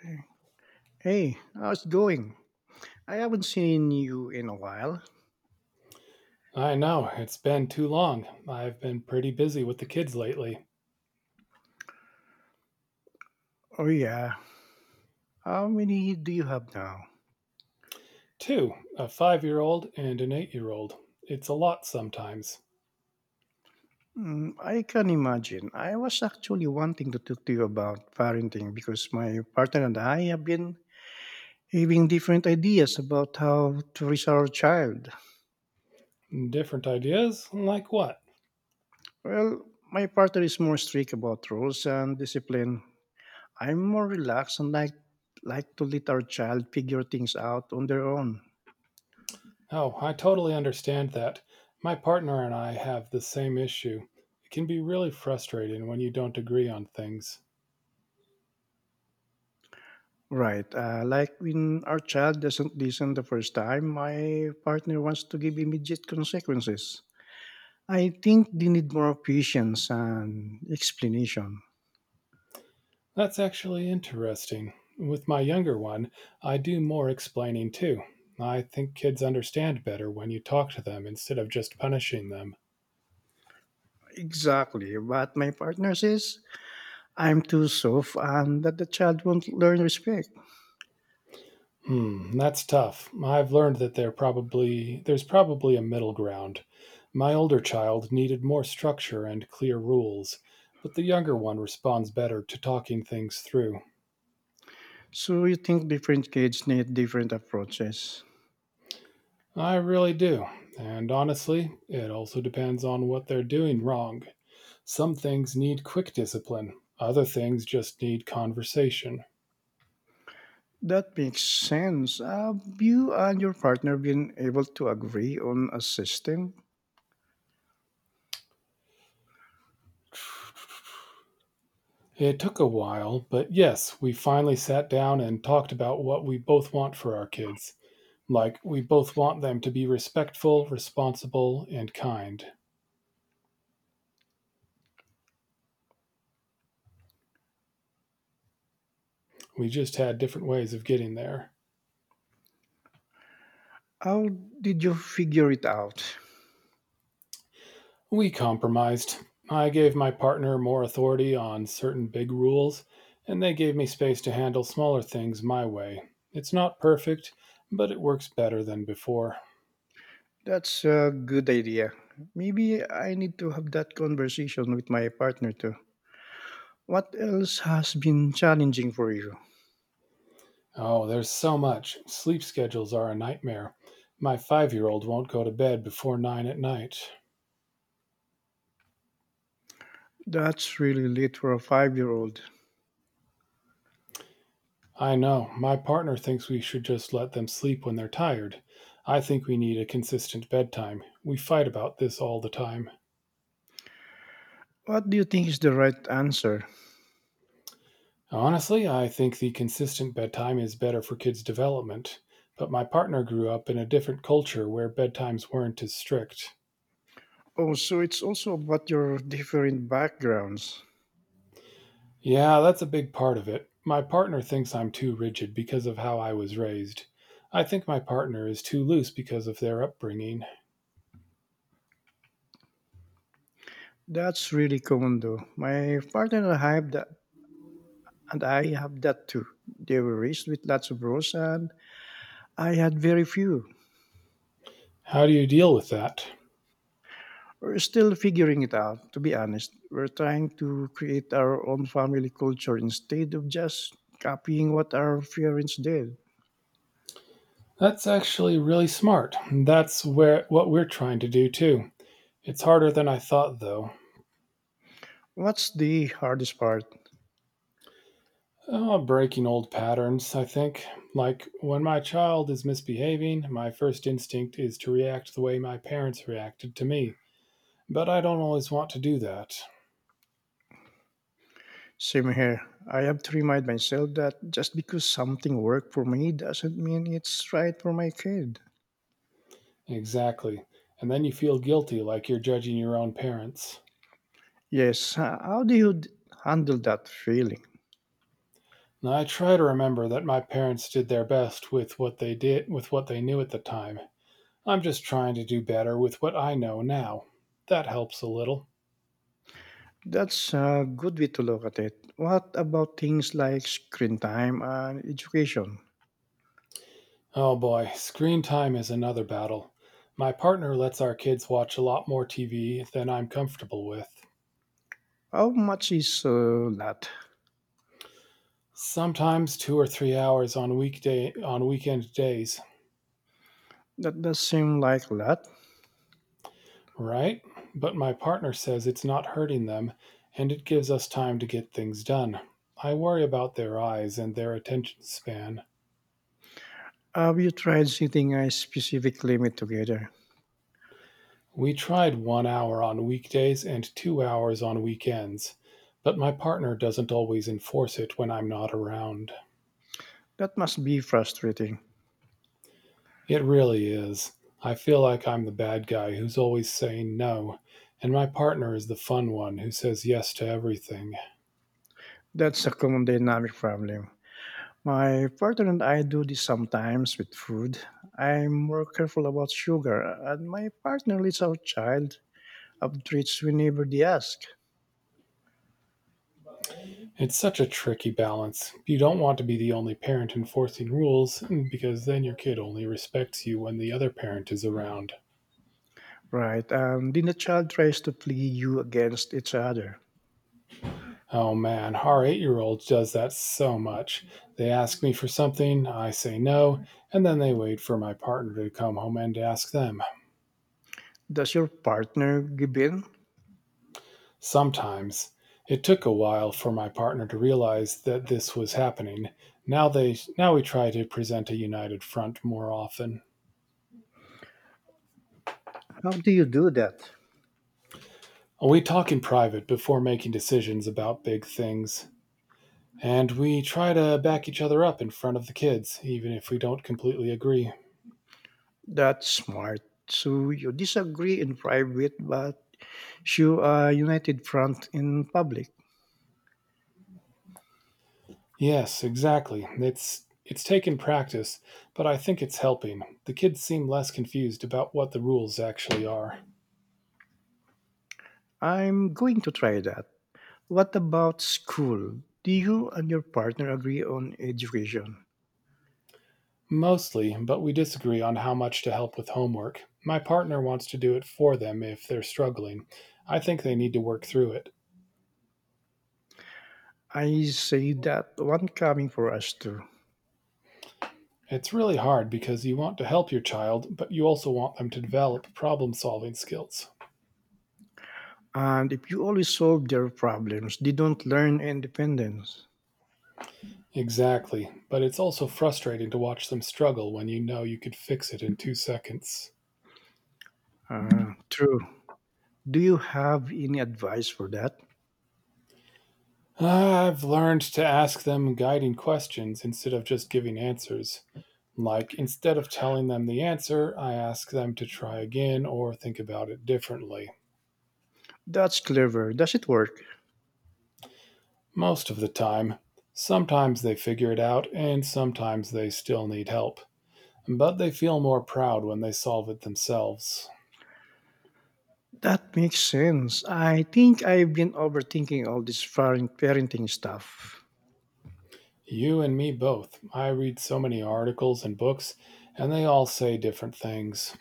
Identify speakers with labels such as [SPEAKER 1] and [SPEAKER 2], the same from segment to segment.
[SPEAKER 1] Hey, hey, how's it going? I haven't seen you in a while.
[SPEAKER 2] I know, it's been too long. I've been pretty busy with the kids lately.
[SPEAKER 1] Oh, yeah. How many do you have now?
[SPEAKER 2] Two, a 5 year old and an 8 year old. It's a lot sometimes.
[SPEAKER 1] Mm, I can imagine. I was actually wanting to talk to you about parenting because my partner and I have been having different ideas about how to raise our child.
[SPEAKER 2] Different ideas? Like what?
[SPEAKER 1] Well, my partner is more strict about rules and discipline. I'm more relaxed and like to let our child figure things out on their own.
[SPEAKER 2] Oh, I totally understand that. My partner and I have the same issue. It can be really frustrating when you don't agree on things.
[SPEAKER 1] Right. Like when our child doesn't listen the first time, my partner wants to give immediate consequences. I think they need more patience and explanation.
[SPEAKER 2] That's actually interesting. With my younger one, I do more explaining too. I think kids understand better when you talk to them instead of just punishing them.
[SPEAKER 1] Exactly. But my partner says I'm too soft and that the child won't learn respect.
[SPEAKER 2] Hmm, that's tough. I've learned that there's probably a middle ground. My older child needed more structure and clear rules, but the younger one responds better to talking things through.
[SPEAKER 1] So you think different kids need different approaches.
[SPEAKER 2] I really do. And honestly, it also depends on what they're doing wrong. Some things need quick discipline, other things just need conversation.
[SPEAKER 1] That makes sense. Have you and your partner been able to agree on a system?
[SPEAKER 2] It took a while, but yes, we finally sat down and talked about what we both want for our kids. Like, we both want them to be respectful, responsible, and kind. We just had different ways of getting there.
[SPEAKER 1] How did you figure it out?
[SPEAKER 2] We compromised. I gave my partner more authority on certain big rules, and they gave me space to handle smaller things my way. It's not perfect, but it works better than before.
[SPEAKER 1] That's a good idea. Maybe I need to have that conversation with my partner too. What else has been challenging for you?
[SPEAKER 2] Oh, there's so much. Sleep schedules are a nightmare. My 5 year old won't go to bed before 9 at night.
[SPEAKER 1] That's really late for a 5 year old.
[SPEAKER 2] I know. My partner thinks we should just let them sleep when they're tired. I think we need a consistent bedtime. We fight about this all the time.
[SPEAKER 1] What do you think is the right answer?
[SPEAKER 2] Honestly, I think the consistent bedtime is better for kids' development, but my partner grew up in a different culture where bedtimes weren't as strict.
[SPEAKER 1] Oh, so it's also about your different backgrounds.
[SPEAKER 2] Yeah, that's a big part of it. My partner thinks I'm too rigid because of how I was raised. I think my partner is too loose because of their upbringing.
[SPEAKER 1] That's really common though. My partner and I have that, and I have that too. They were raised with lots of rules, and I had very few.
[SPEAKER 2] How do you deal with that?
[SPEAKER 1] We're still figuring it out, to be honest. We're trying to create our own family culture instead of just copying what our parents did.
[SPEAKER 2] That's actually really smart. That's where what we're trying to do too. It's harder than I thought though.
[SPEAKER 1] What's the hardest part?
[SPEAKER 2] Breaking old patterns, I think. Like when my child is misbehaving, my first instinct is to react the way my parents reacted to me. But I don't always want to do that.
[SPEAKER 1] Same here. I have to remind myself that just because something worked for me doesn't mean it's right for my kid.
[SPEAKER 2] Exactly. And then you feel guilty like you're judging your own parents.
[SPEAKER 1] Yes, how do you handle that feeling?
[SPEAKER 2] And I try to remember that my parents did their best with what they knew at the time. I'm just trying to do better with what I know now. That helps a little.
[SPEAKER 1] That's a good way to look at it. What about things like screen time and education?
[SPEAKER 2] Oh boy, screen time is another battle. My partner lets our kids watch a lot more TV than I'm comfortable with.
[SPEAKER 1] How much is that?
[SPEAKER 2] Sometimes 2 or 3 hours on weekend days,
[SPEAKER 1] That does seem like a lot.
[SPEAKER 2] right? But my partner says it's not hurting them and it gives us time to get things done. I worry about their eyes and their attention span.
[SPEAKER 1] Have you tried setting a specific limit together?
[SPEAKER 2] We tried 1 hour on weekdays and 2 hours on weekends, but my partner doesn't always enforce it when I'm not around.
[SPEAKER 1] That must be frustrating.
[SPEAKER 2] It really is. I feel like I'm the bad guy who's always saying no, and my partner is the fun one who says yes to everything.
[SPEAKER 1] That's a common dynamic problem. My partner and I do this sometimes with food. I'm more careful about sugar, and my partner lets our child have treats whenever they ask.
[SPEAKER 2] It's such a tricky balance. You don't want to be the only parent enforcing rules because then your kid only respects you when the other parent is around.
[SPEAKER 1] Right, and then the child tries to play you against each other.
[SPEAKER 2] Oh man, our 8 year old does that so much. They ask me for something, I say no, and then they wait for my partner to come home and ask them.
[SPEAKER 1] Does your partner give in?
[SPEAKER 2] Sometimes it took a while for my partner to realize that this was happening. Now we try to present a united front more often.
[SPEAKER 1] How do you do that?
[SPEAKER 2] We talk in private before making decisions about big things, and we try to back each other up in front of the kids, even if we don't completely agree.
[SPEAKER 1] That's smart. So you disagree in private, but show a united front in public.
[SPEAKER 2] Yes, exactly. It's taken practice, but I think it's helping. The kids seem less confused about what the rules actually are.
[SPEAKER 1] I'm going to try that. What about school? Do you and your partner agree on education?
[SPEAKER 2] Mostly, but we disagree on how much to help with homework. My partner wants to do it for them if they're struggling. I think they need to work through it.
[SPEAKER 1] I say that one coming for us too.
[SPEAKER 2] It's really hard because you want to help your child, but you also want them to develop problem solving skills.
[SPEAKER 1] And if you always solve their problems, they don't learn independence.
[SPEAKER 2] Exactly, but it's also frustrating to watch them struggle when you know you could fix it in 2 seconds.
[SPEAKER 1] Ah, true. Do you have any advice for that?
[SPEAKER 2] I've learned to ask them guiding questions instead of just giving answers. Like, instead of telling them the answer, I ask them to try again or think about it differently.
[SPEAKER 1] That's clever. Does it work?
[SPEAKER 2] Most of the time, sometimes they figure it out and sometimes they still need help. But they feel more proud when they solve it themselves.
[SPEAKER 1] That makes sense. I think I've been overthinking all this parenting stuff.
[SPEAKER 2] You and me both. I read so many articles and books, and they all say different things.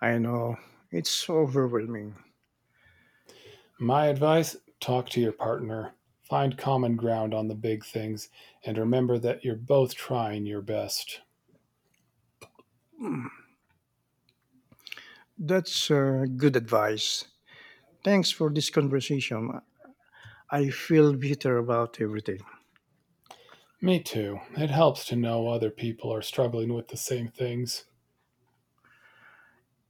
[SPEAKER 1] I know. It's overwhelming.
[SPEAKER 2] My advice: talk to your partner, find common ground on the big things, and remember that you're both trying your best.
[SPEAKER 1] That's good advice. Thanks for this conversation. I feel better about everything.
[SPEAKER 2] Me too. It helps to know other people are struggling with the same things.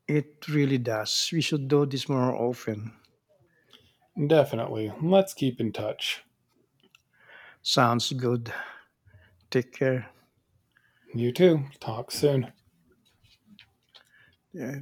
[SPEAKER 1] It really does. We should do this more often.
[SPEAKER 2] Definitely. Let's keep in touch.
[SPEAKER 1] Sounds good. Take care.
[SPEAKER 2] You too. Talk soon.
[SPEAKER 1] Yeah,